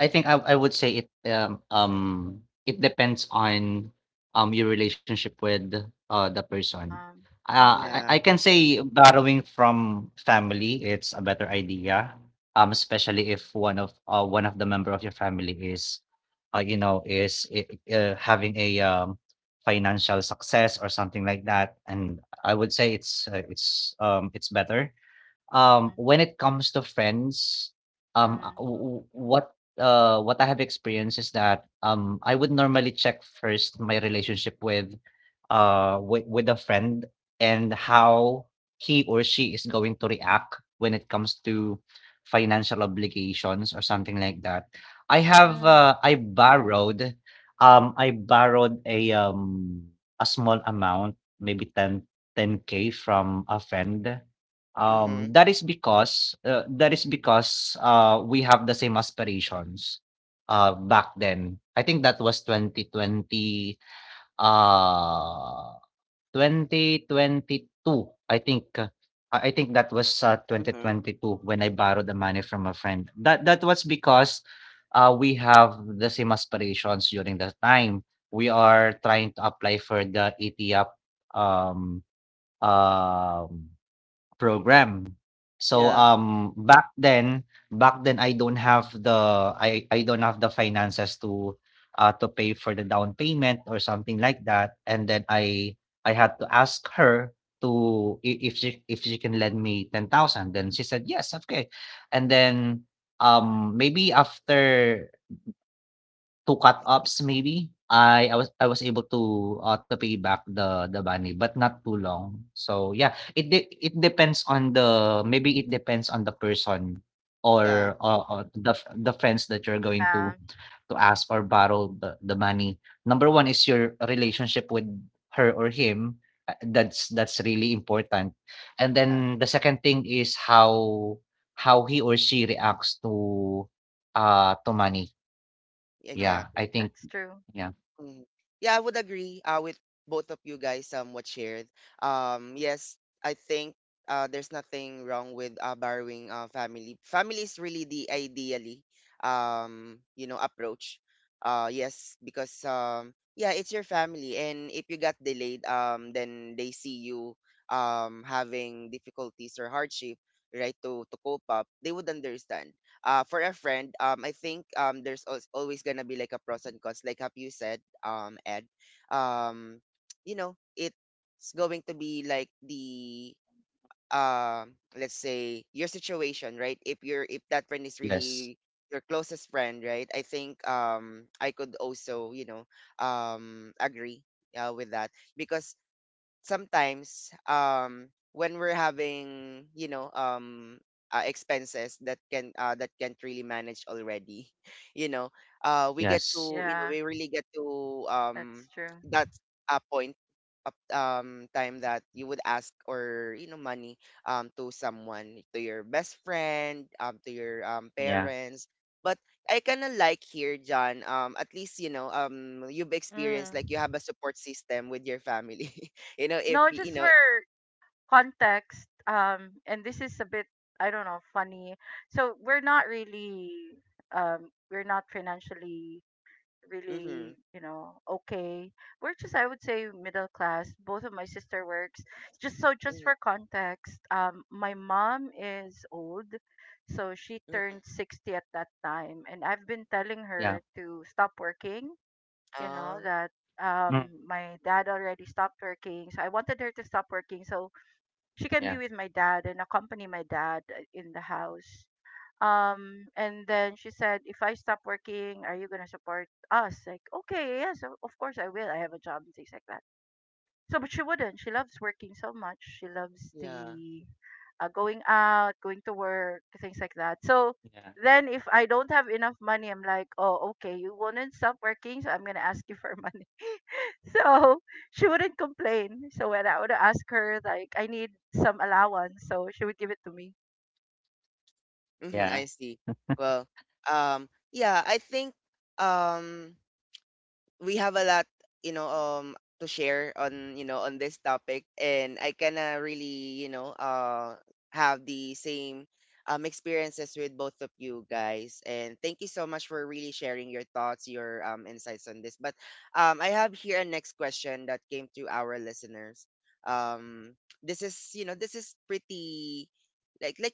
Speaker 3: I think I would say it it depends on your relationship with the person. I
Speaker 1: Yeah.
Speaker 3: can say borrowing from family, it's a better idea. Especially if one of the member of your family is, uh, you know, is i- having a financial success or something like that, and I would say it's better, when it comes to friends, um, uh, w- w- what what I have experienced is that, I would normally check first my relationship with, with a friend, and how he or she is going to react when it comes to financial obligations or something like that. I have uh, I borrowed I borrowed a small amount, maybe ten k from a friend.
Speaker 1: Mm-hmm.
Speaker 3: That is because we have the same aspirations back then. I think that was 2020. Ah, 2022, I think. I think that was,
Speaker 1: Mm-hmm.
Speaker 3: 2022, when I borrowed the money from a friend. That was because, we have the same aspirations during that time. We are trying to apply for the ATIAP, um, um program. So,
Speaker 1: Yeah.
Speaker 3: back then I don't have the, I don't have the finances to pay for the down payment or something like that, and then I had to ask her to I if she can lend me 10,000, then she said, "Yes, okay." And then, maybe after 2 cut ups, maybe, I was able to pay back the money, but not too long. So, yeah, it depends on the person,
Speaker 1: Yeah.
Speaker 3: or, the friends that you're going to ask or borrow the money. Number 1 is your relationship with her or him. That's really important. And
Speaker 1: Yeah.
Speaker 3: then the second thing is how he or she reacts to money. Yeah, I
Speaker 1: Exactly.
Speaker 3: think, yeah.
Speaker 1: Mhm. Yeah, I would agree, with both of you guys what shared. Yes, I think, there's nothing wrong with, borrowing, family. Family is really the ideally, you know, approach. Yes, because, yeah, it's your family, and if you got delayed, then they see you, having difficulties or hardship, right, to cope up, they would understand. For a friend, I think, there's always going to be like a pros and cons, like have you said, Ed, um, you know, it's going to be like the, let's say your situation, right? If that friend is
Speaker 3: Yes.
Speaker 1: really your closest friend, right? I think, I could also, you know, agree, with that, because sometimes, when we're having, you know, expenses that can, that can't really manage already, you know, we get
Speaker 3: Yes.
Speaker 1: to, you know, we really get to, that, point up, time that you would ask or, you know, money, to someone, to your best friend, to your,
Speaker 3: Yeah.
Speaker 1: parents. But I kind of like here, John, at least, you know, you've experienced, like, you have a support system with your family. You know, if you know. Mhm. Mhm. Mhm.
Speaker 3: Yeah.
Speaker 1: Ah.
Speaker 3: Mm. Yeah.
Speaker 1: Yeah.
Speaker 3: Yeah.
Speaker 1: Mhm,
Speaker 3: Yeah.
Speaker 1: I see. Well, um yeah, I think, um we have a lot, you know, to share on, you know, on this topic, and I kinda really, you know, have the same, experiences with both of you guys. And thank you so much for really sharing your thoughts, your, insights on this. But, I have here a next question that came to our listeners. Um, this is, you know, this is pretty. Like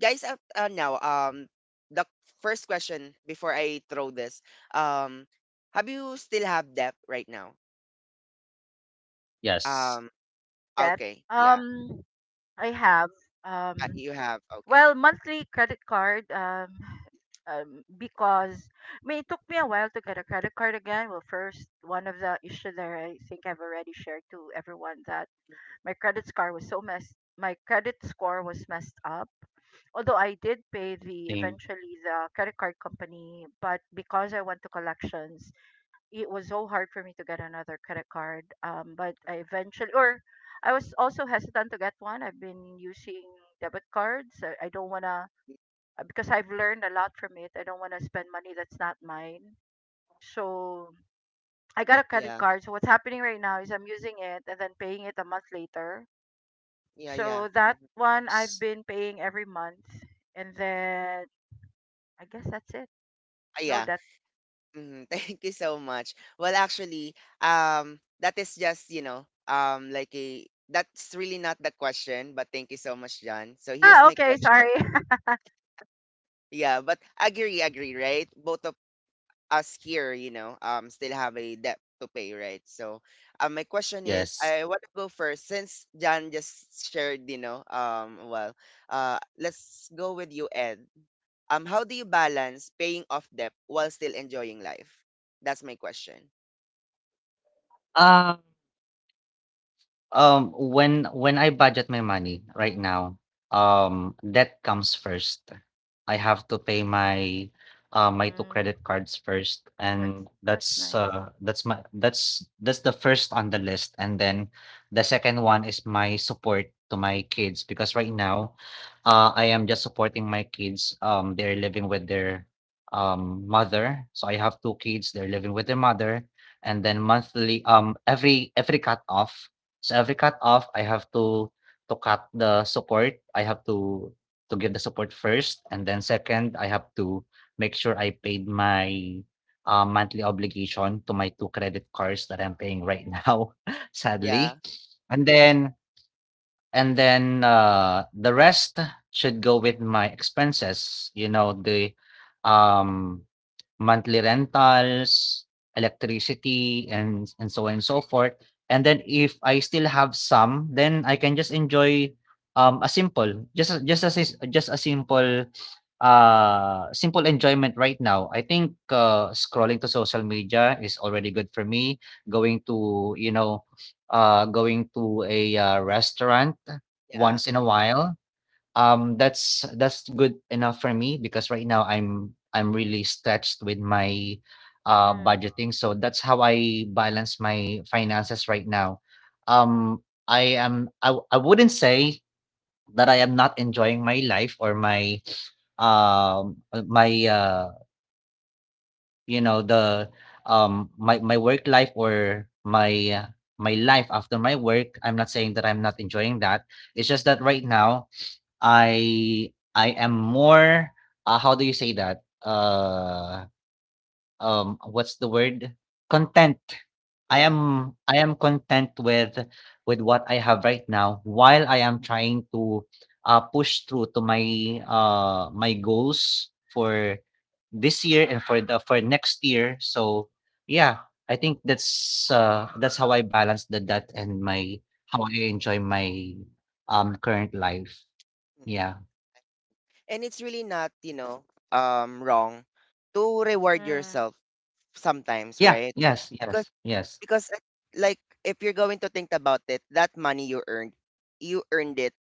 Speaker 1: guys up, now, the first question before I throw this, um have you still have debt right now?
Speaker 3: Yes.
Speaker 1: um okay, yeah. You have, okay.
Speaker 3: Same.
Speaker 1: Yeah. Yeah, yeah, mhm.
Speaker 3: Yes.
Speaker 1: Ah, yeah. Thank you so much. Well, actually, that is, just you know like a that's really not the question, but thank you so much, John. So here's my question. Yeah, but agree, right? Both of us here, still have a debt to pay, right? So, my question is,
Speaker 3: Yes.
Speaker 1: I want to go first since Jan just shared, let's go with you, Ed. How do you balance paying off debt while still enjoying life? That's my question.
Speaker 3: Um when I budget my money right now, that comes first. I have to pay my two credit cards first, and that's my that's the first on the list, and then the second one is my support to my kids, because right now, I am just supporting my kids. They're living with their mother, so I have two kids. They're living with their mother, and then monthly, every cut off. So every cut off, I have to cut the support. I have to give the support first, and then second, I have to make sure I paid my monthly obligation to my two credit cards that I'm paying right now,
Speaker 1: Yeah,
Speaker 3: sadly. And then And then The rest should go with my expenses. You know, the, um, monthly rentals, electricity, and so on and so forth. And then if I still have some, then I can just enjoy, a simple, just a simple enjoyment right now. I think scrolling to social media is already good for me, going to you know going to a, restaurant
Speaker 1: yeah,
Speaker 3: once in a
Speaker 1: mm,
Speaker 3: while. That's good enough for me, because right now I'm really stretched with my budgeting. So that's how I balance my finances right now. Um, I wouldn't say that I am not enjoying my life, or my my you know, the my my work life, or uh, my life after my work. I'm not saying that I'm not enjoying that. It's just that right now I am more, how do you say that? What's the word? Content.
Speaker 1: yeah.
Speaker 3: I am content with what I have right now, while I am trying to, push through to my goals for this year and for the for next year. So yeah, I think that's how I balance the debt, and my how I enjoy my current life.
Speaker 1: Mm.
Speaker 3: Yeah.
Speaker 1: And it's really not, wrong to reward yourself sometimes,
Speaker 3: Yeah,
Speaker 1: right?
Speaker 3: yes, yes, yes.
Speaker 1: Because like, if you're going to think about it, that money you earned it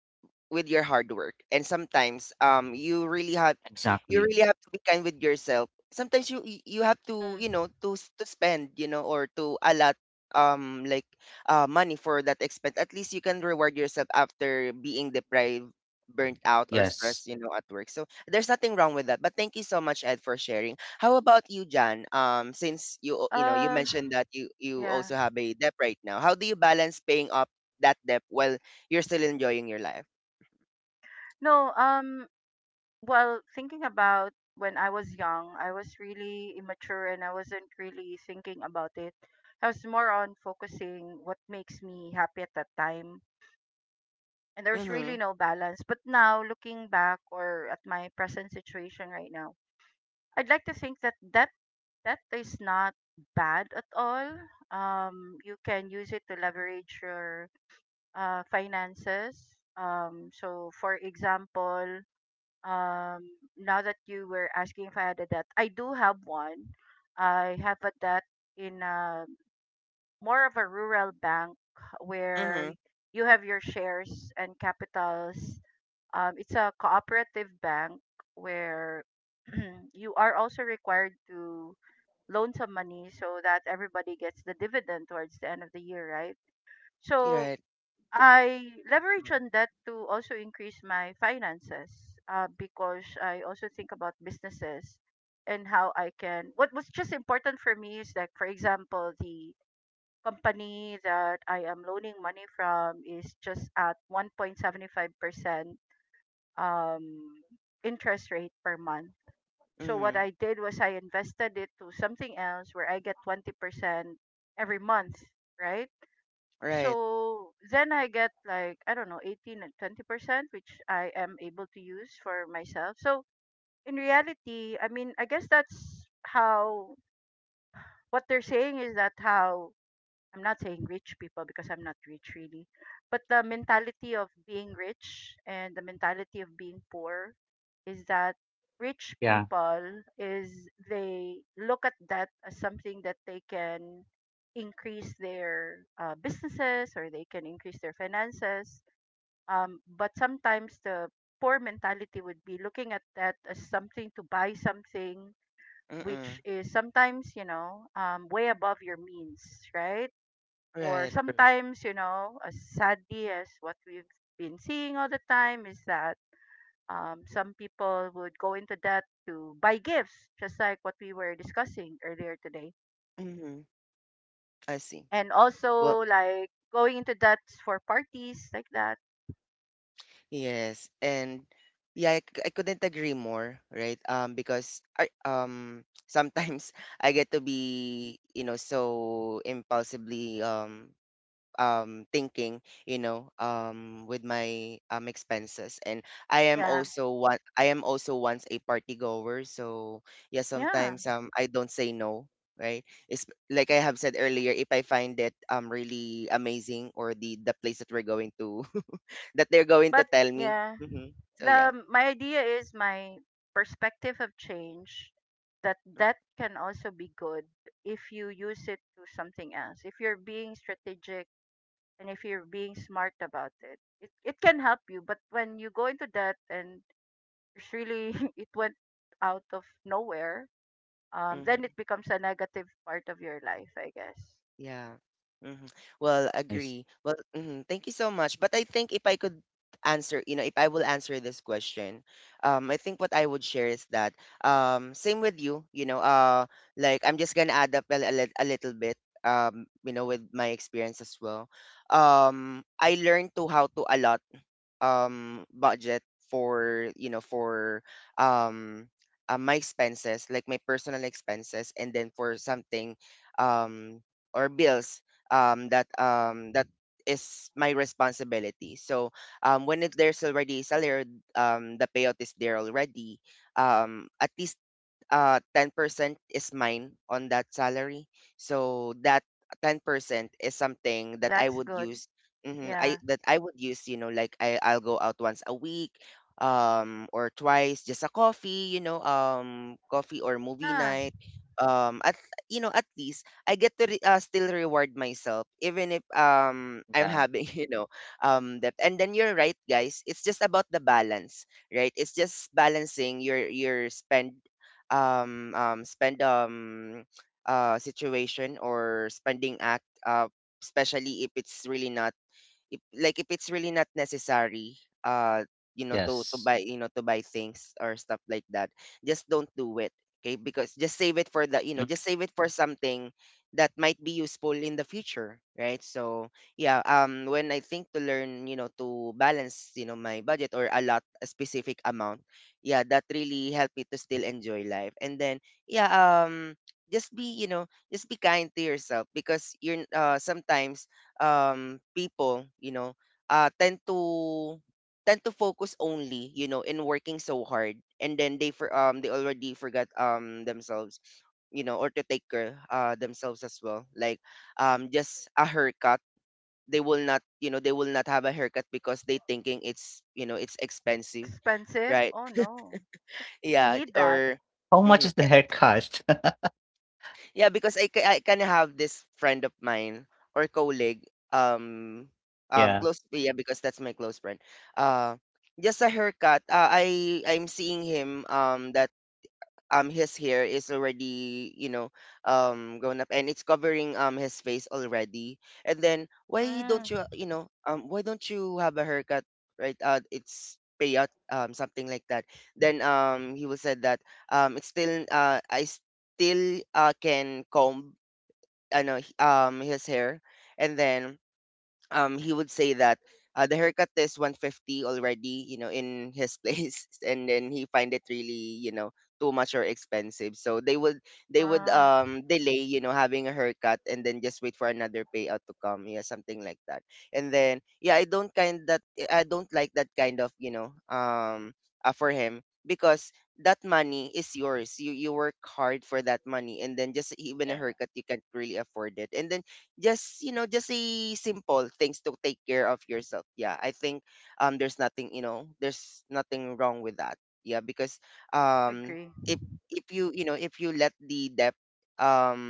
Speaker 1: with your hard work. And sometimes you
Speaker 3: Exactly.
Speaker 1: really have to be kind with yourself. Sometimes you have to, you know, to spend, you know, or to allot um like money for that expense. At least you can reward yourself after being deprived, burnt out, or stressed,
Speaker 3: Yes.
Speaker 1: you know, at work. So there's nothing wrong with that, but thank you so much, Ed, for sharing. How about you, Jan? Since you know, you mentioned that you also have a debt right now, how do you balance paying up that debt while you're still enjoying your life? Mhm. Mhm. Right. Mhm. Right.
Speaker 3: Yeah.
Speaker 1: Mm-mm. Right. Mhm. I see. Well, yes. And yeah, I couldn't agree more, right? Because I sometimes I get to be, you know, so impulsively thinking, you know, with my expenses. And I am also one, I am also once a party goer. So yeah, sometimes I don't say no, right? It's like I have said earlier, if I find it really amazing, or the place that we're going to that they're going to tell me, so yeah. Mm. Mhm. Yeah. hmm Well,
Speaker 3: Nice.
Speaker 1: agree. Well, mhm, thank you so much. But I think if I could answer, you know, if I will answer this question, I think what I would share is that same with you, you know. Like, I'm just gonna add up a, a little bit, you know, with my experience as well. I learned to how to allot budget for you know for um my expenses, like my personal expenses, and then for something um or bills that is my responsibility. So there's already salary, the payout is there already, at least 10% is mine on that salary. So that 10% is something that I would use. Hmm I That I would use, you know. Like, I I'll go out once a week or twice, just a coffee, you know, coffee or movie night. At You know, at least I get to still reward myself even if I'm
Speaker 3: Yeah.
Speaker 1: having, you know, debt. And then you're right, guys. It's just about the balance, right? It's just balancing your spend, um, um spend um situation or spending act especially if it's really not, if like, if it's really not necessary, uh you know,
Speaker 3: Yes.
Speaker 1: to buy things or stuff like that, just don't do it, okay? Because just save it for the, you know,
Speaker 3: Mm.
Speaker 1: just save it for something that might be useful in the future, right? So yeah, when I think to learn, you know, to balance, you know, my budget or a lot a specific amount, yeah, that really helped me to still enjoy life. And then yeah, um just be, you know, just be kind to yourself. Because you're, sometimes people, you know, tend to tend to focus only, you know, in working so hard, and then they already forgot themselves, you know, or to take care themselves as well. Like, just a haircut, they will not, you know, they will not have a haircut because they thinking it's, you know, it's expensive, right? Yeah, or
Speaker 3: How much
Speaker 1: mhm.
Speaker 3: is the haircut?
Speaker 1: Yeah, because I kind of have this friend of mine or colleague,
Speaker 3: Yeah.
Speaker 1: close. Yeah, because that's my close friend. Uh, just a haircut. I'm seeing him. That his hair is already, you know, grown up, and it's covering his face already. And then, why don't you, you know, why don't you have a haircut, right? It's payout, something like that. Then he will said that it's still, I still can comb, I know, his hair. And then he would say that, the haircut is 150 already, you know, in his place. And then he find it really, you know, too much or expensive. So they would, delay, you know, having a haircut, and then just wait for another payout to come. Yeah, something like that. And then yeah, I don't like that kind of, you know, for him. Because that money is yours, you work hard for that money, and then just even a
Speaker 3: Yeah.
Speaker 1: haircut you can't really afford it. And then just, you know, just a simple things to take care of yourself. Yeah, I think there's nothing, you know, there's nothing wrong with that. Yeah, because um if if you, you know, if you let the debt, um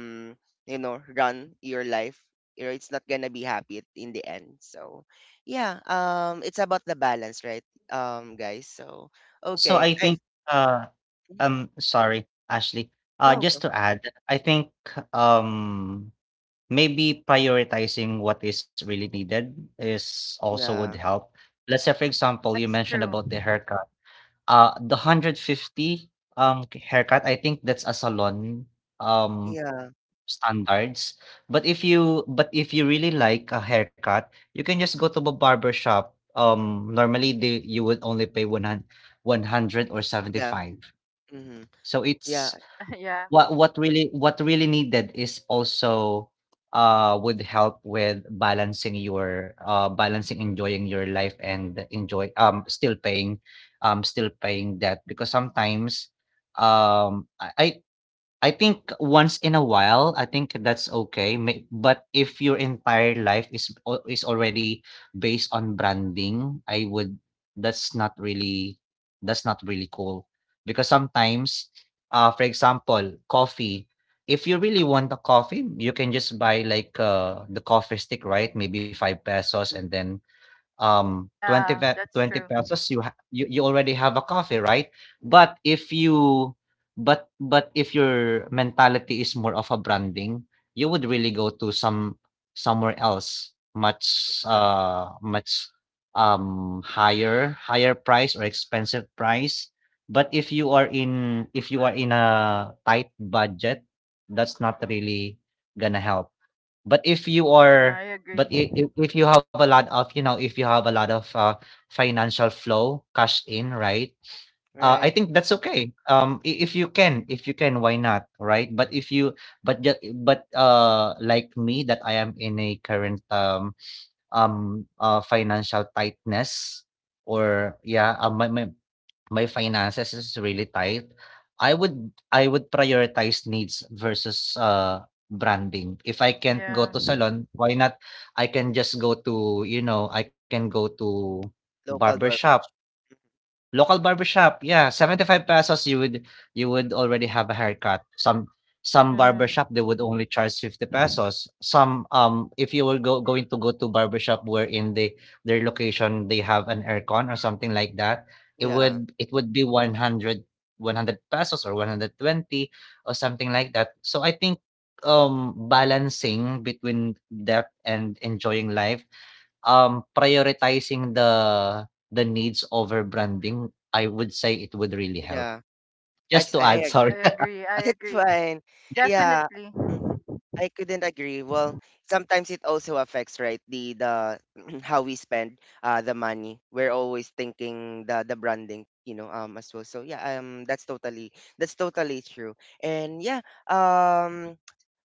Speaker 1: you know, run your life, you know, it's not gonna be happy in the end. So yeah, it's about the balance, right, guys? So
Speaker 3: Also,
Speaker 1: okay,
Speaker 3: I
Speaker 1: I,
Speaker 3: think, uh, sorry, Ashley.
Speaker 1: go
Speaker 3: Just
Speaker 1: go.
Speaker 3: to add, I think, um, maybe prioritizing what is really needed is also would
Speaker 1: Yeah,
Speaker 3: help. Let's say, for example, you mentioned about the haircut. The 150 haircut, I think that's a salon. Um,
Speaker 1: yeah,
Speaker 3: Standards, but if you really like a haircut, you can just go to a barber shop. Normally they you would only pay 100 or
Speaker 1: yeah,
Speaker 3: 75.
Speaker 1: mm-hmm.
Speaker 3: So it's
Speaker 1: Yeah,
Speaker 3: what really needed is also, would help with balancing, enjoying your life, and enjoy, still paying debt, because sometimes, um I I I think once in a while, I think that's okay. May But if your entire life is al is already based on branding, I would, that's not really that's not really cool. Because sometimes, for example, coffee, if you really want a coffee, you can just buy like, the coffee stick, right? Maybe 5 pesos, and then, 20 pesos, you, ha- you already have a coffee, right? but if you but if your mentality is more of a branding, you would really go to somewhere else,
Speaker 1: yeah,
Speaker 3: much higher price or expensive price. But if you are in if you are in a tight budget, that's not really gonna help. but if you
Speaker 1: yeah.
Speaker 3: are but i i if you have a lot of, you know, if you have a lot of, financial flow, cash in, right? I
Speaker 1: Right.
Speaker 3: think that's okay. I If you can, why not, right? But if you, but ju- but Like me, that I am in a current, financial tightness, or yeah, my finances is really tight. I would prioritize needs versus, branding. If I can't go to salon, why not? I can go to
Speaker 1: Local
Speaker 3: barbershop,
Speaker 1: barber.
Speaker 3: local barbershop, yeah, 75 pesos. You would already have a haircut. Some barbershop, they would only charge 50 pesos. Some, if you were go going to go to barbershop where in their location, they have an aircon or something like that, it
Speaker 1: Yeah,
Speaker 3: would, be 100, 100 pesos or 120 or something like that. So I think, balancing between that and enjoying life, prioritizing the needs over branding, I would say it would really help.
Speaker 1: yeah.
Speaker 3: Just
Speaker 1: Ex
Speaker 3: to
Speaker 1: I
Speaker 3: add,
Speaker 1: agree.
Speaker 3: sorry.
Speaker 1: It's fine. Yeah. Mhm. I couldn't agree. Well, sometimes it also affects, right, the how we spend the money. We're always thinking the branding, you know, as well. So yeah, that's totally true. And yeah, um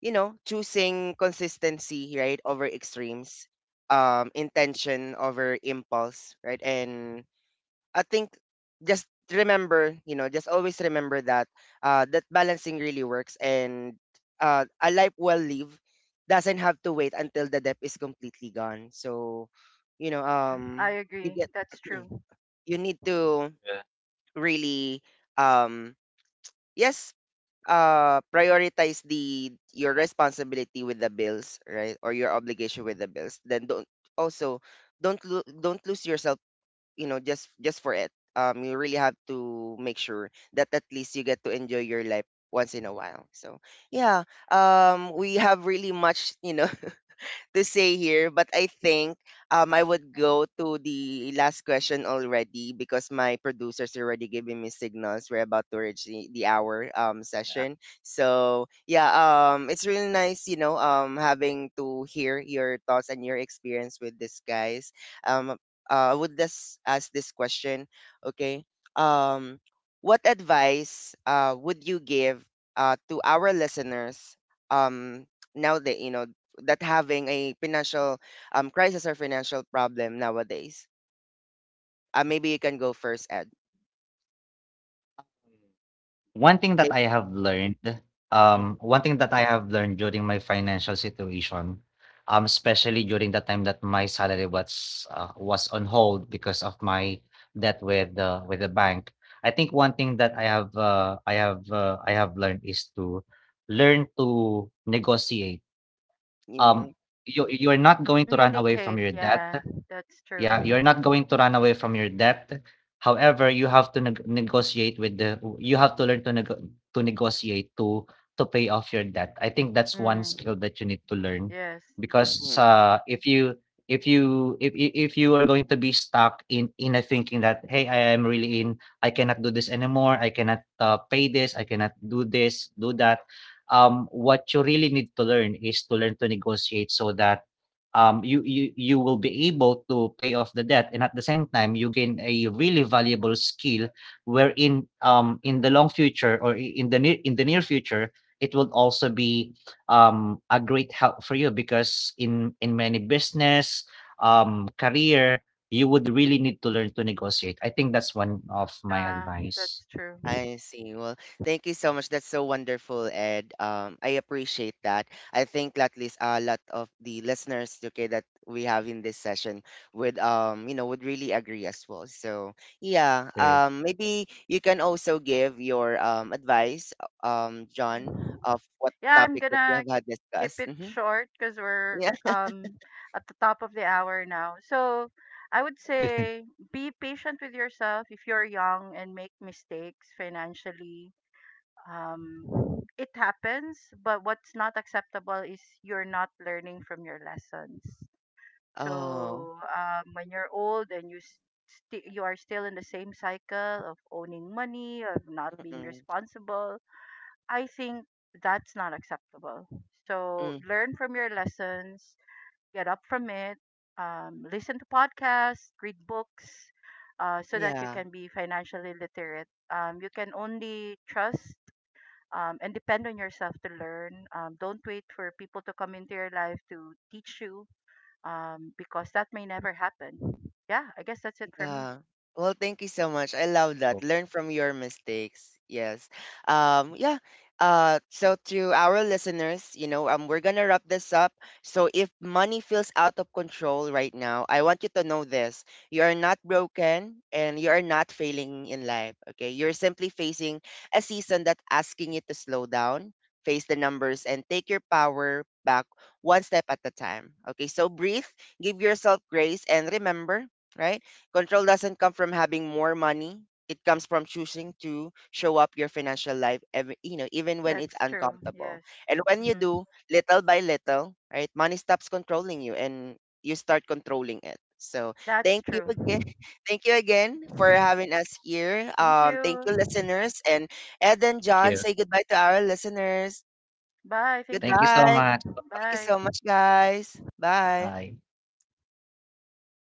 Speaker 1: you know, choosing consistency, right, over extremes, intention over impulse, right? And I think, just remember, you know, just always remember that, that balancing really works. And a life well lived doesn't have to wait until the debt is completely gone. So, you know, you get you need to really, um, yes, prioritize the your responsibility with the bills, right, or your obligation with the bills. Then don't also don't lose yourself, you know, just for it. You really have to make sure that at least you get to enjoy your life once in a while. So yeah, we have really much, you know, to say here, but I think I would go to the last question already because my producers are already giving me signals. We're about to reach the hour session. So yeah, it's really nice, you know, having to hear your thoughts and your experience with this, guys. Um I would just ask this question, okay? Um what advice would you give to our listeners um now that, you know, that having a financial crisis or financial problem nowadays? Maybe you can go first, Ed.
Speaker 3: One thing that I have learned, One thing that I have learned during my financial situation, especially during the time that my salary was, was on hold, because of my debt with the bank. I think one thing that I have learned is to learn to negotiate.
Speaker 1: Maybe.
Speaker 3: Um, you're not going to run away from your debt. Yeah, you're not going to run away from your debt. However, you have to learn to to negotiate to pay off your debt. I think that's one skill that you need to learn, because, if you are going to be stuck in a thinking that, hey, I am really in I cannot do this anymore, I cannot, pay this, I cannot do this, do that, what you really need to learn is to learn to negotiate, so that, you will be able to pay off the debt, and at the same time, you gain a really valuable skill, wherein, in the long future, or in the near future, it will also be, a great help for you, because in many business, career, you would really need to learn to negotiate. I think that's one of my advice.
Speaker 1: I see. Well, thank you so much. That's so wonderful, Ed. I appreciate that. I think at least a lot of the listeners, okay, that we have in this session would, you know, would really agree as well. So yeah,
Speaker 3: Okay.
Speaker 1: maybe you can also give your advice, John, of what topic that we have had discussed. Mm-hmm. Yeah. Oh, mm, mm, yeah. Yeah. Well, thank you so much. I love that.
Speaker 3: Cool.
Speaker 1: Learn from your mistakes. Yes. Yeah. So to our listeners, you know, we're gonna wrap this up. So if money feels out of control right now, I want you to know this: you are not broken, and you are not failing in life. Okay, you're simply facing a season that asking you to slow down, face the numbers, and take your power back one step at a time. Okay, so breathe, give yourself grace, and remember, right? Control doesn't come from having more money. It comes from choosing to show up your financial life every, you know, even when it's uncomfortable. And when you do, little by little, right, money stops controlling you, and you start controlling it. So thank you again. Thank you again for having us here. Thank you, listeners. And Ed and
Speaker 3: Thank
Speaker 1: John,
Speaker 3: you.
Speaker 1: say goodbye to our listeners.
Speaker 3: Thank you so
Speaker 1: Goodbye.
Speaker 3: much. Bye.
Speaker 1: Thank you so much, guys. Bye.
Speaker 3: Bye.